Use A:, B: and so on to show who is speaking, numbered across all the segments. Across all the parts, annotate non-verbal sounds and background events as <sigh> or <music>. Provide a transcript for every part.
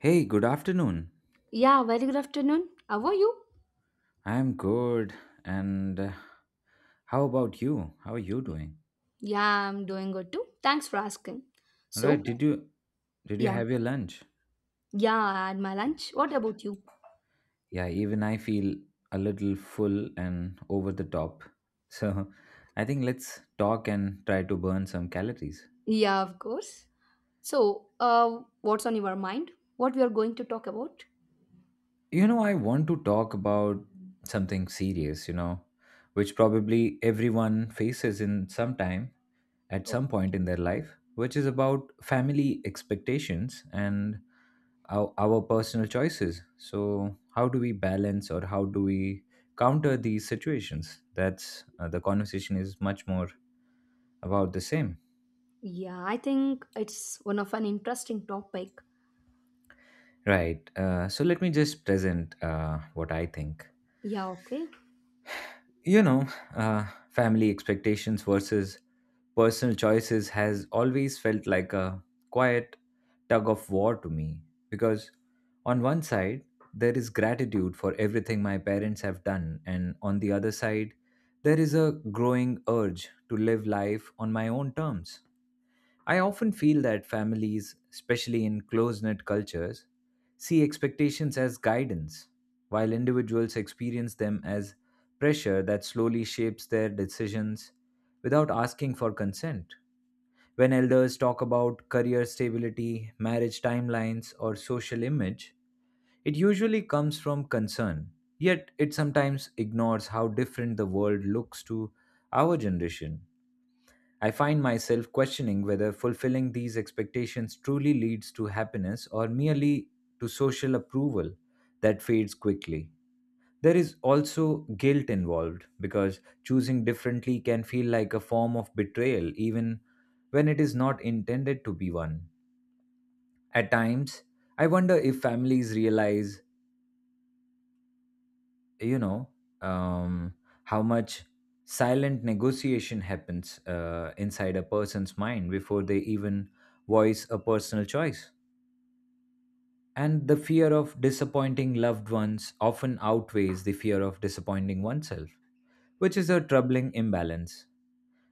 A: Hey, good afternoon.
B: Yeah, very good afternoon. How are you?
A: I'm good. And how about you? How are you doing?
B: Yeah, I'm doing good too. Thanks for asking.
A: All right,
B: So,
A: did you
B: yeah,
A: have your lunch?
B: yeah, I had my lunch. What about you?
A: Yeah, even I feel a little full and over the top. <laughs> So, I think let's talk and try to burn some calories.
B: Yeah, of course. So, what's on your mind? What we are going to talk about?
A: I want to talk about something serious, which probably everyone faces in some time at
B: Oh,
A: some point in their life, which is about family expectations and our personal choices. So, how do we balance or how do we counter these situations? That's the conversation is much more about the same.
B: yeah, I think it's one of an interesting topic.
A: Right. So, let me just present what I think.
B: Yeah, okay.
A: You know, family expectations versus personal choices has always felt like a quiet tug of war to me, because on one side there is gratitude for everything my parents have done, and on the other side there is a growing urge to live life on my own terms. I often feel that families, especially in close knit cultures, see expectations as guidance, while individuals experience them as pressure that slowly shapes their decisions without asking for consent. When elders talk about career stability, marriage timelines, or social image, it usually comes from concern, yet it sometimes ignores how different the world looks to our generation. I find myself questioning whether fulfilling these expectations truly leads to happiness or merely to social approval that fades quickly. There is also guilt involved because choosing differently can feel like a form of betrayal, even when it is not intended to be one. At times, I wonder if families realize you know um, how much silent negotiation happens inside a person's mind before they even voice a personal choice, and the fear of disappointing loved ones often outweighs the fear of disappointing oneself, which is a troubling imbalance.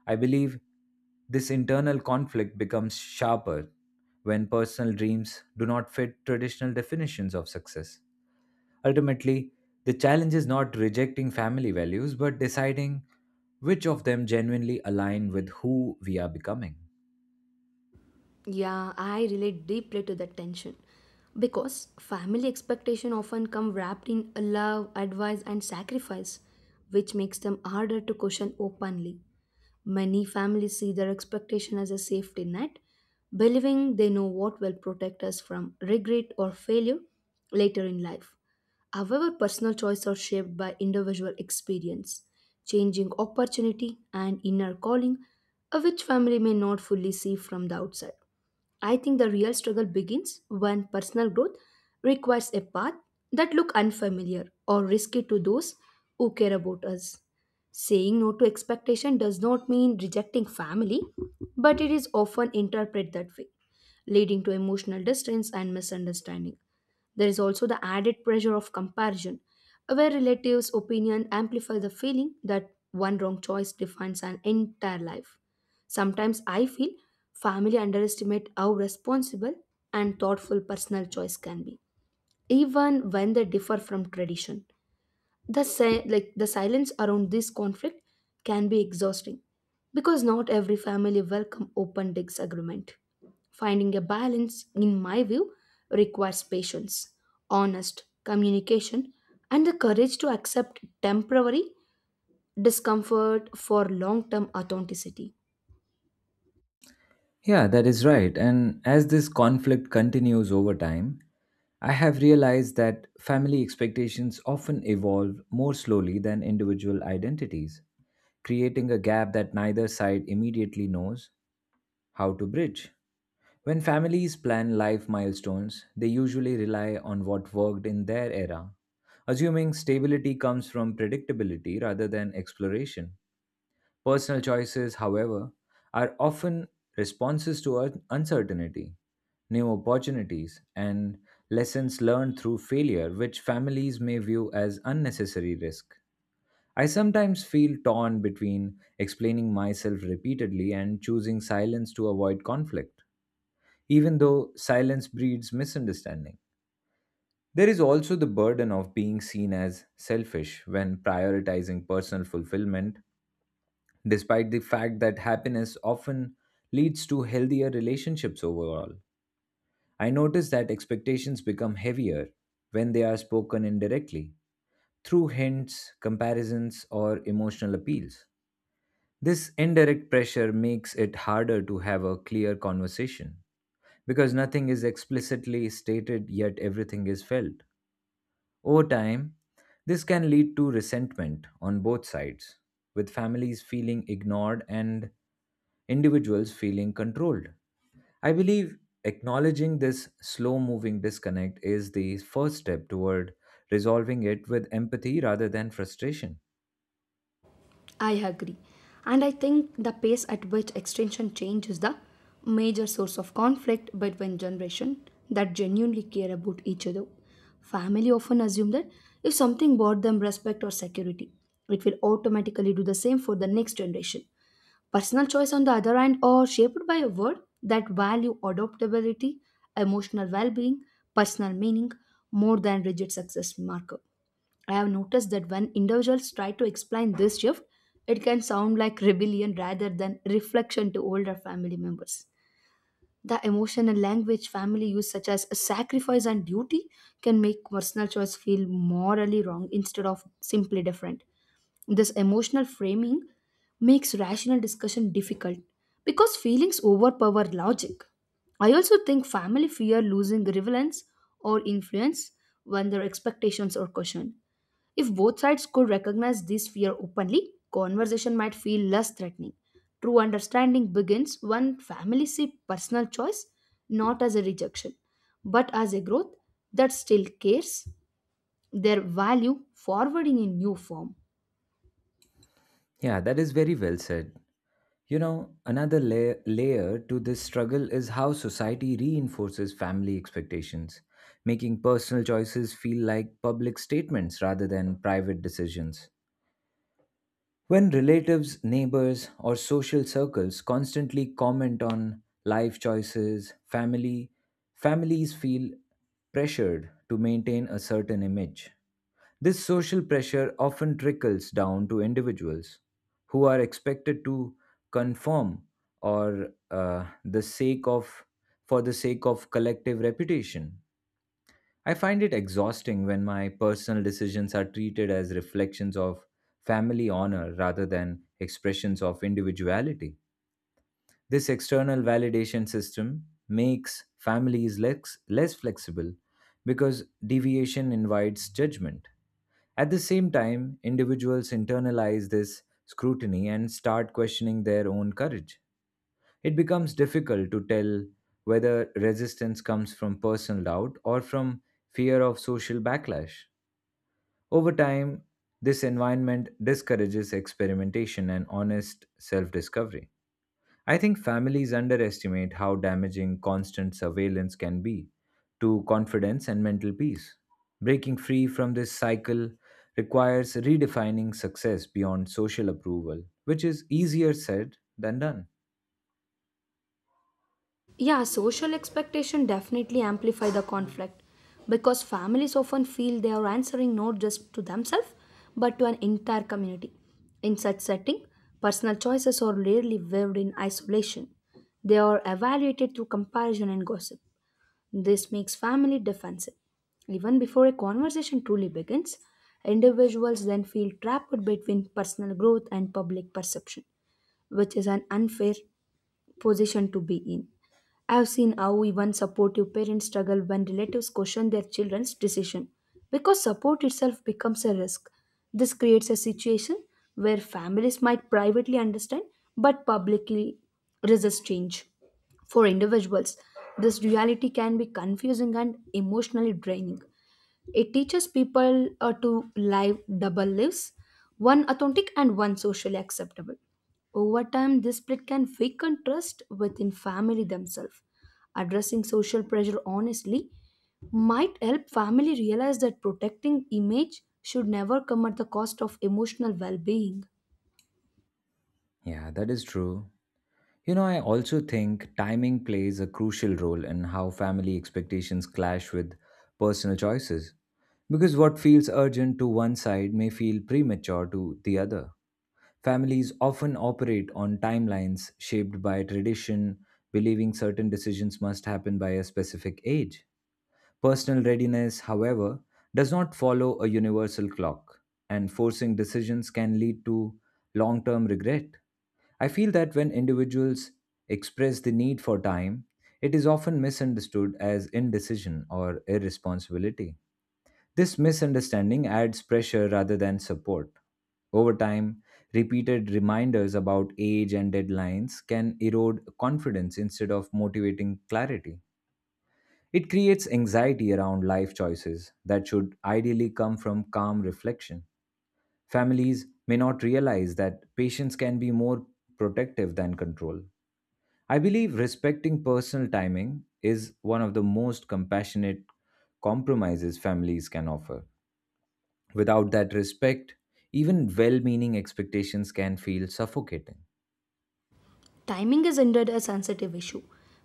A: I believe this internal conflict becomes sharper when personal dreams do not fit traditional definitions of success. Ultimately, the challenge is not rejecting family values, but deciding which of them genuinely align with who we are becoming.
B: Yeah, I relate deeply to that tension because family expectation often come wrapped in love, advice, and sacrifice, which makes them harder to question openly. Many families see their expectation as a safety net, believing they know what will protect us from regret or failure later in life. However, personal choices are shaped by individual experience, changing opportunity, and inner calling, which family may not fully see from the outside. I think the real struggle begins when personal growth requires a path that look unfamiliar or risky to those who care about us. Saying no to expectation does not mean rejecting family, but it is often interpreted that way, leading to emotional distance and misunderstanding. There is also the added pressure of comparison, where relatives' opinion amplify the feeling that one wrong choice defines an entire life. Sometimes I feel family underestimate how responsible and thoughtful personal choice can be, even when they differ from tradition. Like the silence around this conflict can be exhausting because not every family welcome open disagreement. Finding a balance in my view requires patience, honest communication, and the courage to accept temporary discomfort for long term authenticity.
A: Yeah, that is right. And as this conflict continues over time, I have realized that family expectations often evolve more slowly than individual identities, creating a gap that neither side immediately knows. How to bridge? When families plan life milestones, they usually rely on what worked in their era, assuming stability comes from predictability rather than exploration. Personal choices, however, are often responses to uncertainty, new opportunities, and lessons learned through failure, which families may view as unnecessary risk. I sometimes feel torn between explaining myself repeatedly and choosing silence to avoid conflict, even though silence breeds misunderstanding. There is also the burden of being seen as selfish when prioritizing personal fulfillment, despite the fact that happiness often leads to healthier relationships overall. I notice that expectations become heavier when they are spoken indirectly through hints, comparisons, or emotional appeals. This indirect pressure makes it harder to have a clear conversation because nothing is explicitly stated yet everything is felt. Over time, this can lead to resentment on both sides, with families feeling ignored and individuals feeling controlled. I believe acknowledging this slow moving disconnect is the first step toward resolving it with empathy rather than frustration.
B: I agree. And I think the pace at which extinction changes the major source of conflict between generations that genuinely care about each other. Family often assume that if something brought them respect or security, it will automatically do the same for the next generation. Personal choice, on the other hand, are shaped by a world that value adaptability, emotional well being, personal meaning more than rigid success marker. I have noticed that when individuals try to explain this shift, it can sound like rebellion rather than reflection to older family members. The emotional language family use, such as sacrifice and duty, can make personal choice feel morally wrong instead of simply different. This emotional framing makes rational discussion difficult because feelings overpower logic. I also think family fear losing relevance or influence when their expectations are questioned. If both sides could recognize this fear openly, conversation might feel less threatening. True understanding begins when families see personal choice not as a rejection, but as a growth that still carries their value forward in a new form.
A: Yeah, that is very well said. Another layer to this struggle is how society reinforces family expectations, making personal choices feel like public statements rather than private decisions. When relatives, neighbors, or social circles constantly comment on life choices, family families feel pressured to maintain a certain image. This social pressure often trickles down to individuals who are expected to conform or the sake of for the sake of collective reputation. I find it exhausting when my personal decisions are treated as reflections of family honor rather than expressions of individuality. This external validation system makes families less flexible because deviation invites judgment. At the same time, individuals internalize this scrutiny and start questioning their own courage. It becomes difficult to tell whether resistance comes from personal doubt or from fear of social backlash. Over time, this environment discourages experimentation and honest self discovery. I think families underestimate how damaging constant surveillance can be to confidence and mental peace. Breaking free from this cycle requires redefining success beyond social approval, which is easier said than done.
B: Yeah, social expectation definitely amplify the conflict because families often feel they are answering not just to themselves but to an entire community. In such setting, personal choices are rarely weaved in isolation. They are evaluated through comparison and gossip. This makes family defensive. Even before a conversation truly begins, individuals then feel trapped between personal growth and public perception, which is an unfair position to be in. I've seen how even supportive parents struggle when relatives question their children's decision because support itself becomes a risk. This creates a situation where families might privately understand but publicly resist change. For individuals, this duality can be confusing and emotionally draining. It teaches people to live double lives, one authentic and one socially acceptable. Over time, this split can weaken trust within family themselves. Addressing social pressure honestly might help family realize that protecting image should never come at the cost of emotional well-being.
A: Yeah, that is true. I also think timing plays a crucial role in how family expectations clash with personal choices, because what feels urgent to one side may feel premature to the other. Families often operate on timelines shaped by tradition, believing certain decisions must happen by a specific age. Personal readiness, however, does not follow a universal clock, and forcing decisions can lead to long term regret. I feel that when individuals express the need for time, it is often misunderstood as indecision or irresponsibility. This misunderstanding adds pressure rather than support. Over time, repeated reminders about age and deadlines can erode confidence instead of motivating clarity. It creates anxiety around life choices that should ideally come from calm reflection. Families may not realize that patience can be more protective than control. I believe respecting personal timing is one of the most compassionate compromises families can offer. Without that respect, even well meaning expectations can feel suffocating.
B: Timing is indeed a sensitive issue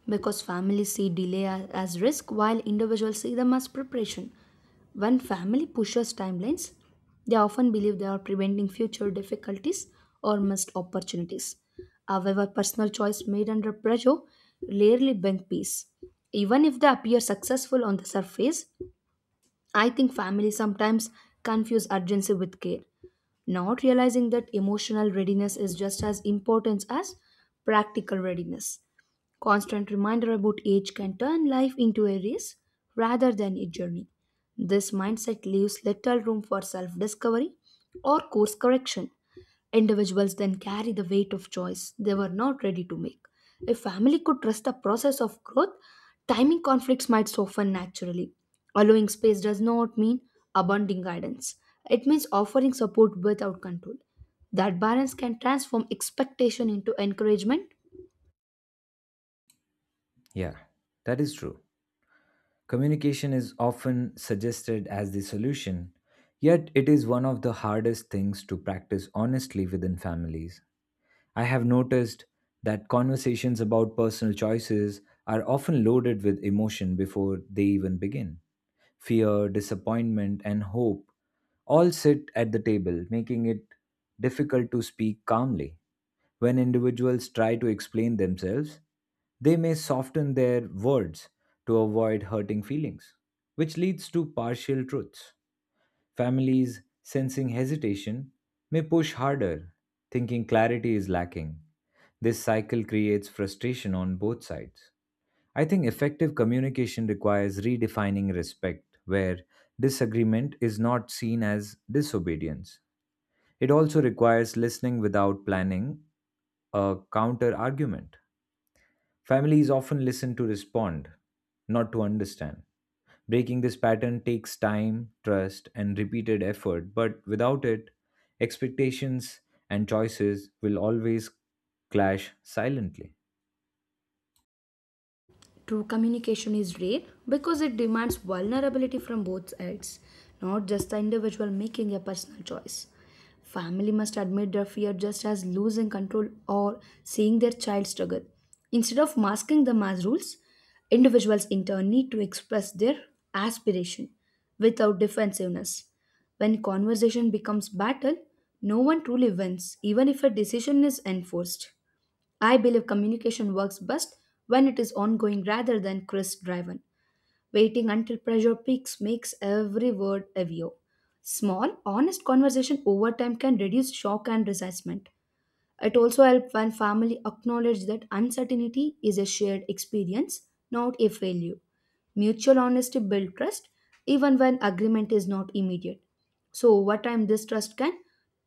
B: because families see delay as risk while individuals see them as preparation. When family pushes timelines, they often believe they are preventing future difficulties or missed opportunities. However, personal choice made under pressure rarely bring peace. Even if they appear successful on the surface, I think families sometimes confuse urgency with care, not realizing that emotional readiness is just as important as practical readiness. Constant reminder about age can turn life into a race rather than a journey. This mindset leaves little room for self discovery or course correction. Individuals then carry the weight of choice they were not ready to make. If family could trust the process of growth, timing conflicts might soften naturally. Allowing space does not mean abandoning guidance, it means offering support without control. That balance can transform expectation into encouragement.
A: Yeah, that is true. Communication is often suggested as the solution, yet it is one of the hardest things to practice honestly within families. I have noticed that conversations about personal choices are often loaded with emotion before they even begin. Fear, disappointment, and hope all sit at the table, making it difficult to speak calmly. When individuals try to explain themselves, they may soften their words to avoid hurting feelings, which leads to partial truths. Families sensing hesitation may push harder, thinking clarity is lacking. This cycle creates frustration on both sides. I think effective communication requires redefining respect, where disagreement is not seen as disobedience. It also requires listening without planning a counter argument. Families often listen to respond, not to understand. Breaking this pattern takes time, trust, and repeated effort, but without it, expectations and choices will always clash silently.
B: True communication is rare because it demands vulnerability from both sides, not just the individual making a personal choice. Family must admit their fear just as losing control or seeing their child struggle. Instead of masking them as rules, individuals in turn need to express their aspiration without defensiveness. When conversation becomes battle, no one truly wins, even if a decision is enforced. I believe communication works best when it is ongoing rather than crisp driven. Waiting until pressure peaks makes every word heavier. Small, honest conversation over time can reduce shock and resentment. It also helps when family acknowledge that uncertainty is a shared experience, not a failure. Mutual honesty builds trust even when agreement is not immediate. So over time this trust can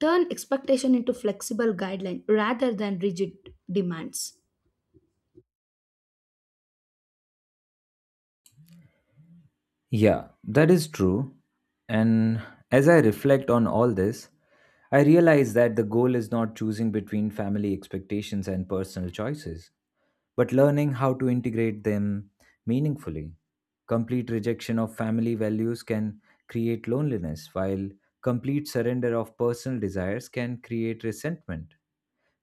B: turn expectation into flexible guideline rather than rigid demands.
A: Yeah, that is true. And as I reflect on all this, I realize that the goal is not choosing between family expectations and personal choices, but learning how to integrate them meaningfully. Complete rejection of family values can create loneliness, while complete surrender of personal desires can create resentment.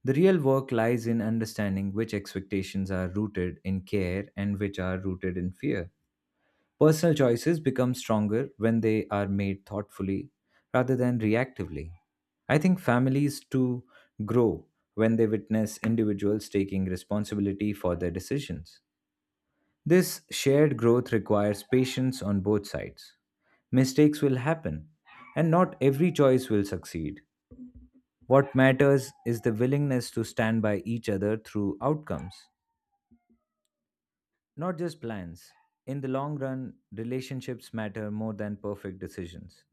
A: The real work lies in understanding which expectations are rooted in care and which are rooted in fear. Personal choices become stronger when they are made thoughtfully rather than reactively. I think families too grow when they witness individuals taking responsibility for their decisions. This shared growth requires patience on both sides. Mistakes will happen, and not every choice will succeed. What matters is the willingness to stand by each other through outcomes, not just plans. In the long run, relationships matter more than perfect decisions.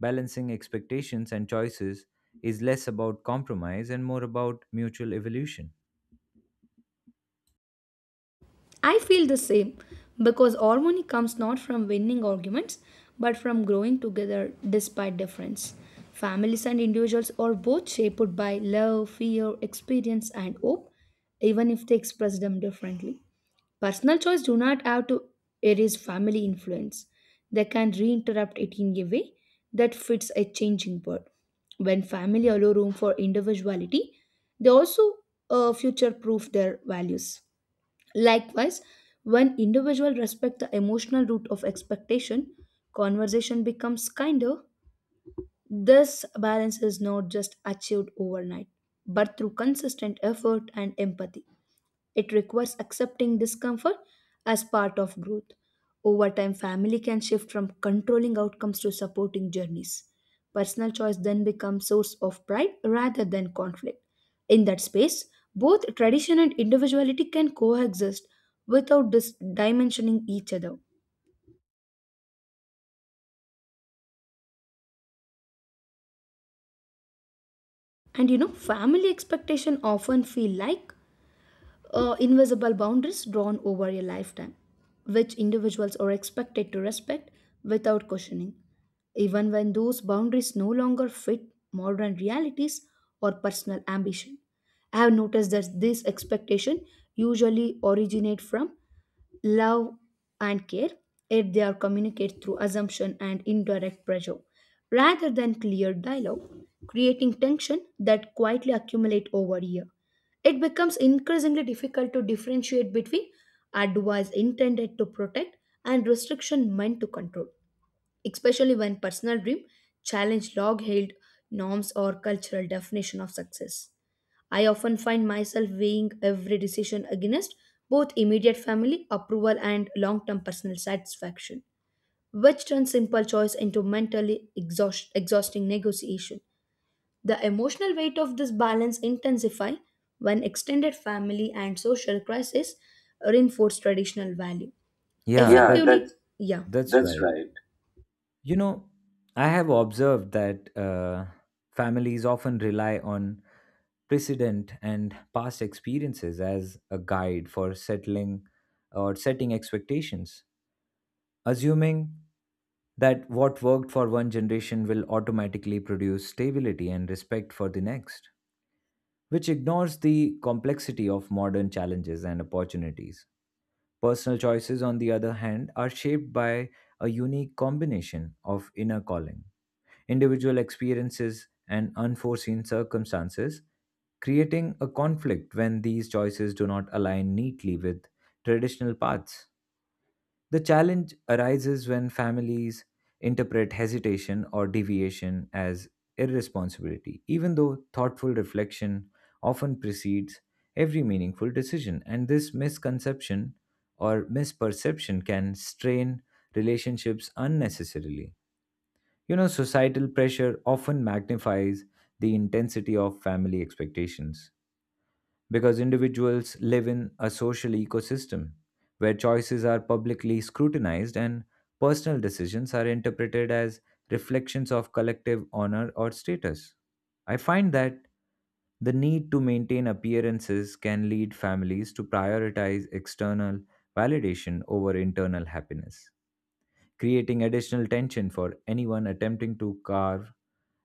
A: Balancing expectations and choices is less about compromise and more about mutual evolution.
B: I feel the same because harmony comes not from winning arguments but from growing together despite difference. Families and individuals are both shaped by love, fear, experience, and hope, even if they express them differently. Personal choice do not have to erase family influence. They can reinterrupt it in a way that fits a changing world. When family allow room for individuality, they also future-proof their values. Likewise, when individuals respect the emotional root of expectation, conversation becomes kinder. This balance is not just achieved overnight, but through consistent effort and empathy. It requires accepting discomfort as part of growth. Over time, family can shift from controlling outcomes to supporting journeys. Personal choice then becomes source of pride rather than conflict. In that space, both tradition and individuality can coexist without dimensioning each other. And you know, family expectation often feel like invisible boundaries drawn over a lifetime, which individuals are expected to respect without questioning, even when those boundaries no longer fit modern realities or personal ambition. I have noticed that this expectation usually originate from love and care if they are communicated through assumption and indirect pressure rather than clear dialogue, creating tension that quietly accumulate over years. It becomes increasingly difficult to differentiate between advice intended to protect and restriction meant to control, especially when personal dreams challenge long-held norms or cultural definition of success. I often find myself weighing every decision against both immediate family approval and long-term personal satisfaction, which turns simple choice into mentally exhausting negotiation. The emotional weight of this balance intensify when extended family and social crisis reinforce traditional value. Yeah,
A: Yeah, that's
B: effectively, that's yeah.
A: that's
B: that's
A: right.
B: right.
A: You know, I have observed that families often rely on precedent and past experiences as a guide for settling or setting expectations, assuming that what worked for one generation will automatically produce stability and respect for the next, which ignores the complexity of modern challenges and opportunities. Personal choices, on the other hand, are shaped by a unique combination of inner calling, individual experiences, and unforeseen circumstances, creating a conflict when these choices do not align neatly with traditional paths. The challenge arises when families interpret hesitation or deviation as irresponsibility, even though thoughtful reflection often precedes every meaningful decision. And this misconception or misperception can strain relationships unnecessarily. Societal pressure often magnifies the intensity of family expectations because individuals live in a social ecosystem where choices are publicly scrutinized and personal decisions are interpreted as reflections of collective honor or status. I find that the need to maintain appearances can lead families to prioritize external validation over internal happiness, creating additional tension for anyone attempting to carve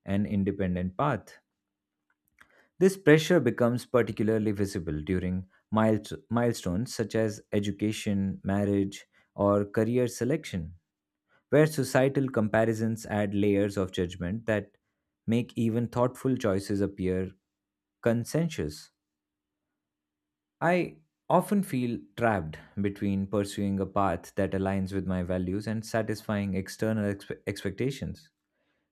A: an independent path. This pressure becomes particularly visible during milestones such as education, marriage, or career selection, where societal comparisons add layers of judgment that make even thoughtful choices appear consensus. I often feel trapped between pursuing a path that aligns with my values and satisfying external expectations,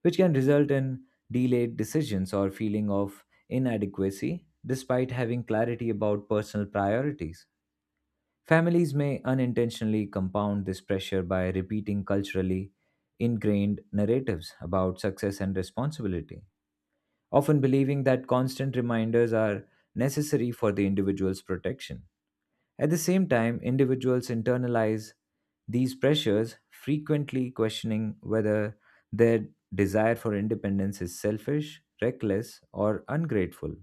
A: which can result in delayed decisions or feeling of inadequacy despite having clarity about personal priorities. Families may unintentionally compound this pressure by repeating culturally ingrained narratives about success and responsibility, often believing that constant reminders are necessary for the individual's protection. At the same time, individuals internalize these pressures, frequently questioning whether their desire for independence is selfish, reckless, or ungrateful.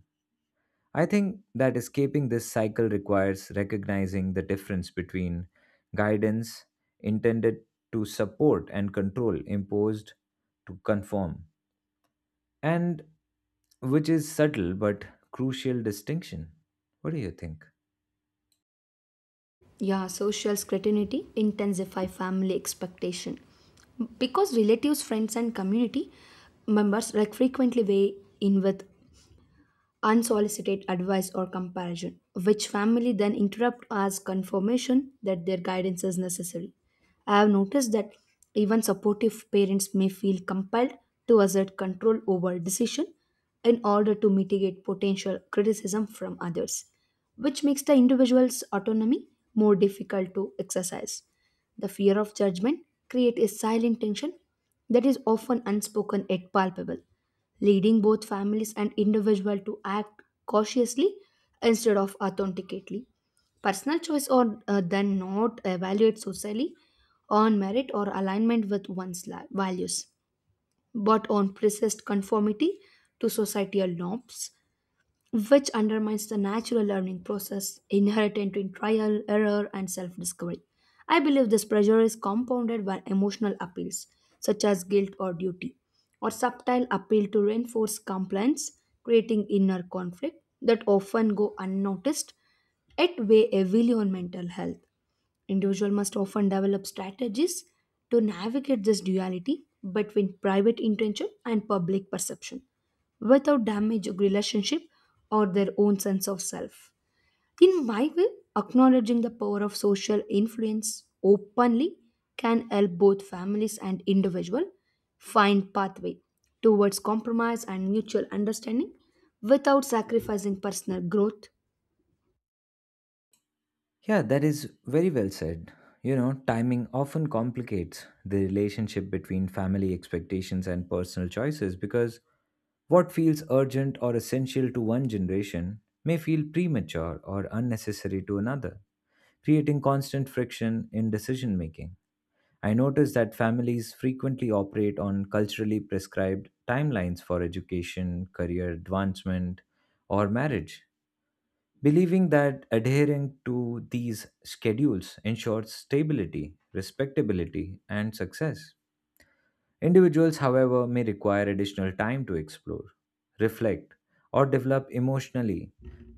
A: I think that escaping this cycle requires recognizing the difference between guidance intended to support and control imposed to conform, and which is subtle but crucial distinction. What do you think?
B: Yeah, social scrutiny intensify family expectation. Because relatives, friends and community members like frequently weigh in with unsolicited advice or comparison, which family then interrupt as confirmation that their guidance is necessary. I have noticed that even supportive parents may feel compelled to assert control over decision in order to mitigate potential criticism from others, which makes the individual's autonomy more difficult to exercise. The fear of judgment creates a silent tension that is often unspoken yet palpable, leading both families and individual to act cautiously instead of authenticately. Personal choice or then not evaluate socially on merit or alignment with values, but on precise conformity to societal norms, which undermines the natural learning process inherent in trial, error, and self discovery. I believe this pressure is compounded by emotional appeals, such as guilt or duty, or subtle appeal to reinforce compliance, creating inner conflict that often go unnoticed, yet weigh heavily on mental health. Individual must often develop strategies to navigate this duality between private intention and public perception without damaging relationship or their own sense of self. In my way, acknowledging the power of social influence openly can help both families and individual find pathway towards compromise and mutual understanding without sacrificing personal growth.
A: Yeah, that is very well said. Timing often complicates the relationship between family expectations and personal choices because what feels urgent or essential to one generation may feel premature or unnecessary to another, creating constant friction in decision making. I notice that families frequently operate on culturally prescribed timelines for education, career advancement, or marriage, believing that adhering to these schedules ensures stability, respectability, and success. Individuals, however, may require additional time to explore, reflect, or develop emotionally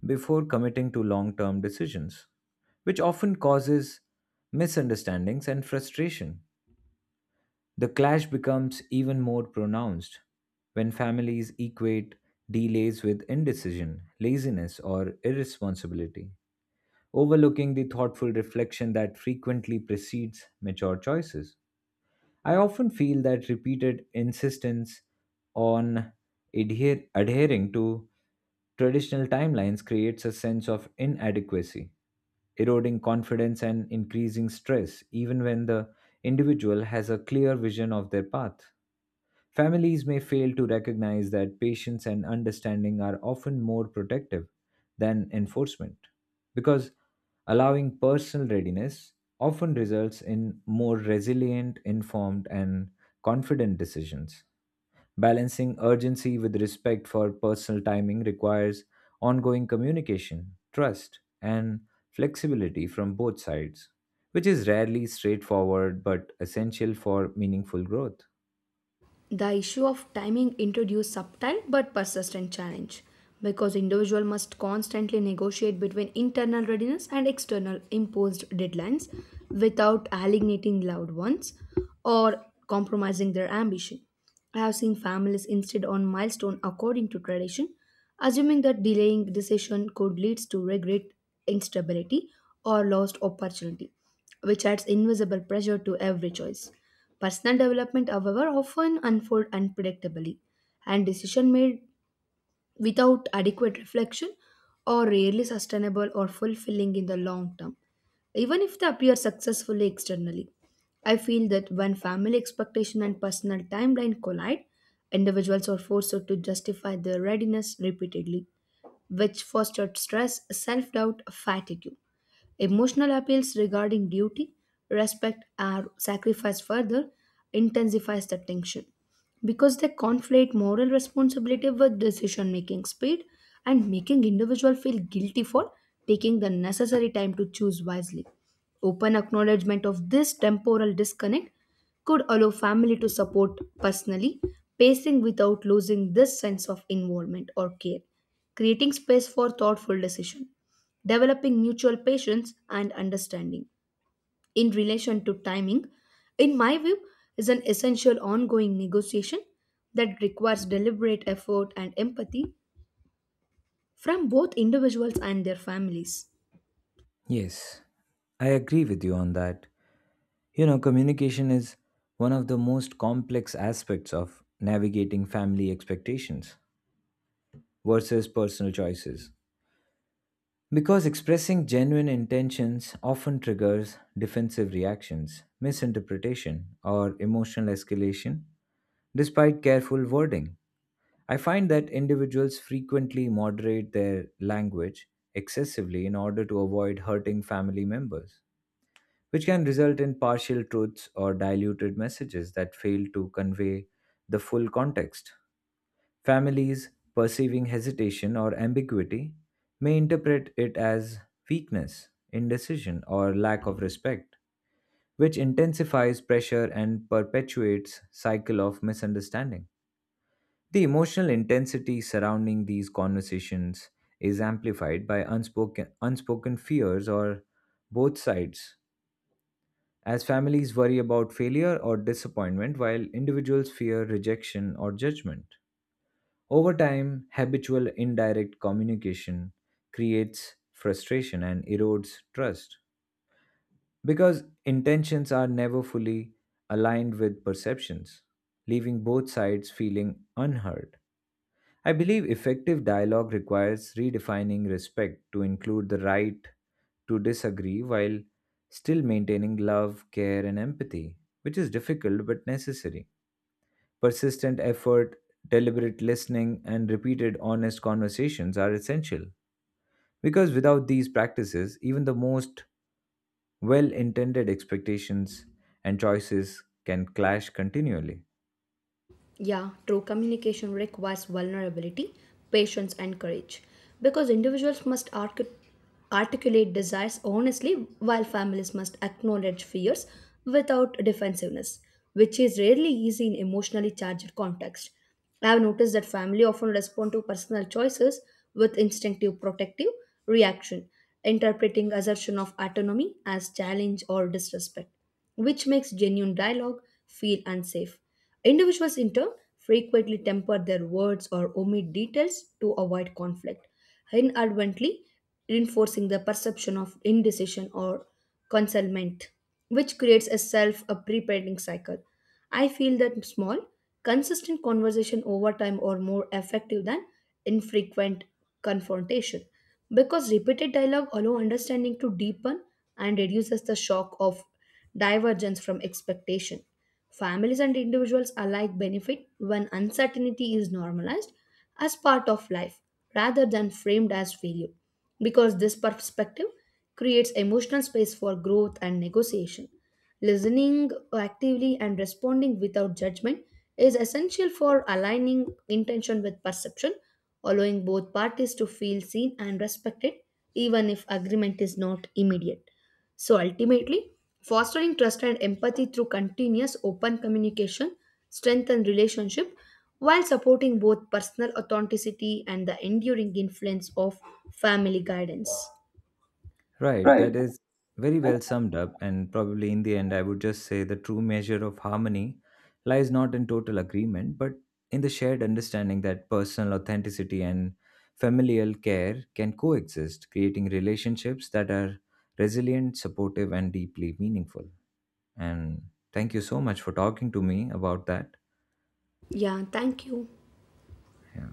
A: before committing to long term decisions, which often causes misunderstandings and frustration. The clash becomes even more pronounced when families equate delays with indecision, laziness, or irresponsibility, overlooking the thoughtful reflection that frequently precedes mature choices. I often feel that repeated insistence on adhering to traditional timelines creates a sense of inadequacy, eroding confidence and increasing stress, even when the individual has a clear vision of their path. Families may fail to recognize that patience and understanding are often more protective than enforcement, because allowing personal readiness often results in more resilient, informed, and confident decisions. Balancing urgency with respect for personal timing requires ongoing communication, trust, and flexibility from both sides, which is rarely straightforward but essential for meaningful growth.
B: The issue of timing introduced subtle but persistent challenge because individual must constantly negotiate between internal readiness and external imposed deadlines without alienating loved ones or compromising their ambition. I have seen families insist on milestone according to tradition, assuming that delaying decision could lead to regret, instability, or lost opportunity, which adds invisible pressure to every choice. Personal development, however, often unfolds unpredictably, and decision made without adequate reflection are rarely sustainable or fulfilling in the long term, even if they appear successfully externally. I feel that when family expectation and personal timeline collide, individuals are forced to justify their readiness repeatedly, which fosters stress, self doubt, fatigue. Emotional appeals regarding duty, respect, or sacrifice further intensifies the tension because they conflate moral responsibility with decision making speed and making individual feel guilty for taking the necessary time to choose wisely. Open acknowledgement of this temporal disconnect could allow family to support personally pacing without losing this sense of involvement or care, creating space for thoughtful decision, developing mutual patience and understanding. In relation to timing, in my view, is an essential ongoing negotiation that requires deliberate effort and empathy from both individuals and their families.
A: Yes, I agree with you on that. Communication is one of the most complex aspects of navigating family expectations versus personal choices, because expressing genuine intentions often triggers defensive reactions, misinterpretation, or emotional escalation, despite careful wording. I find that individuals frequently moderate their language excessively in order to avoid hurting family members, which can result in partial truths or diluted messages that fail to convey the full context. Families perceiving hesitation or ambiguity may interpret it as weakness, indecision, or lack of respect, which intensifies pressure and perpetuates cycle of misunderstanding. The emotional intensity surrounding these conversations is amplified by unspoken fears or both sides, as families worry about failure or disappointment, while individuals fear rejection or judgment. Over time, habitual indirect communication creates frustration and erodes trust because intentions are never fully aligned with perceptions, leaving both sides feeling unheard. I believe effective dialogue requires redefining respect to include the right to disagree while still maintaining love, care, and empathy, which is difficult but necessary. Persistent effort, deliberate listening, and repeated honest conversations are essential because without these practices, even the most well intended expectations and choices can clash continually.
B: Yeah, true communication requires vulnerability, patience, and courage because individuals must articulate desires honestly while families must acknowledge fears without defensiveness, which is rarely easy in emotionally charged context. I have noticed that family often respond to personal choices with instinctive protective reaction, interpreting assertion of autonomy as challenge or disrespect, which makes genuine dialogue feel unsafe. Individuals, in turn, frequently temper their words or omit details to avoid conflict, inadvertently reinforcing the perception of indecision or concealment, which creates a self perpetuating cycle. I feel that small, consistent conversation over time are more effective than infrequent confrontation because repeated dialogue allows understanding to deepen and reduces the shock of divergence from expectation. Families and individuals alike benefit when uncertainty is normalized as part of life rather than framed as failure, because this perspective creates emotional space for growth and negotiation. Listening actively and responding without judgment is essential for aligning intention with perception, allowing both parties to feel seen and respected, even if agreement is not immediate. So ultimately, fostering trust and empathy through continuous open communication strengthen relationship while supporting both personal authenticity and the enduring influence of family guidance.
A: Right, that
B: Right.
A: is very well summed up, and probably in the end, I would just say the true measure of harmony lies not in total agreement, but in the shared understanding that personal authenticity and familial care can coexist, creating relationships that are resilient, supportive, and deeply meaningful. And thank you so much for talking to me about that.
B: Yeah, thank you.
A: Yeah.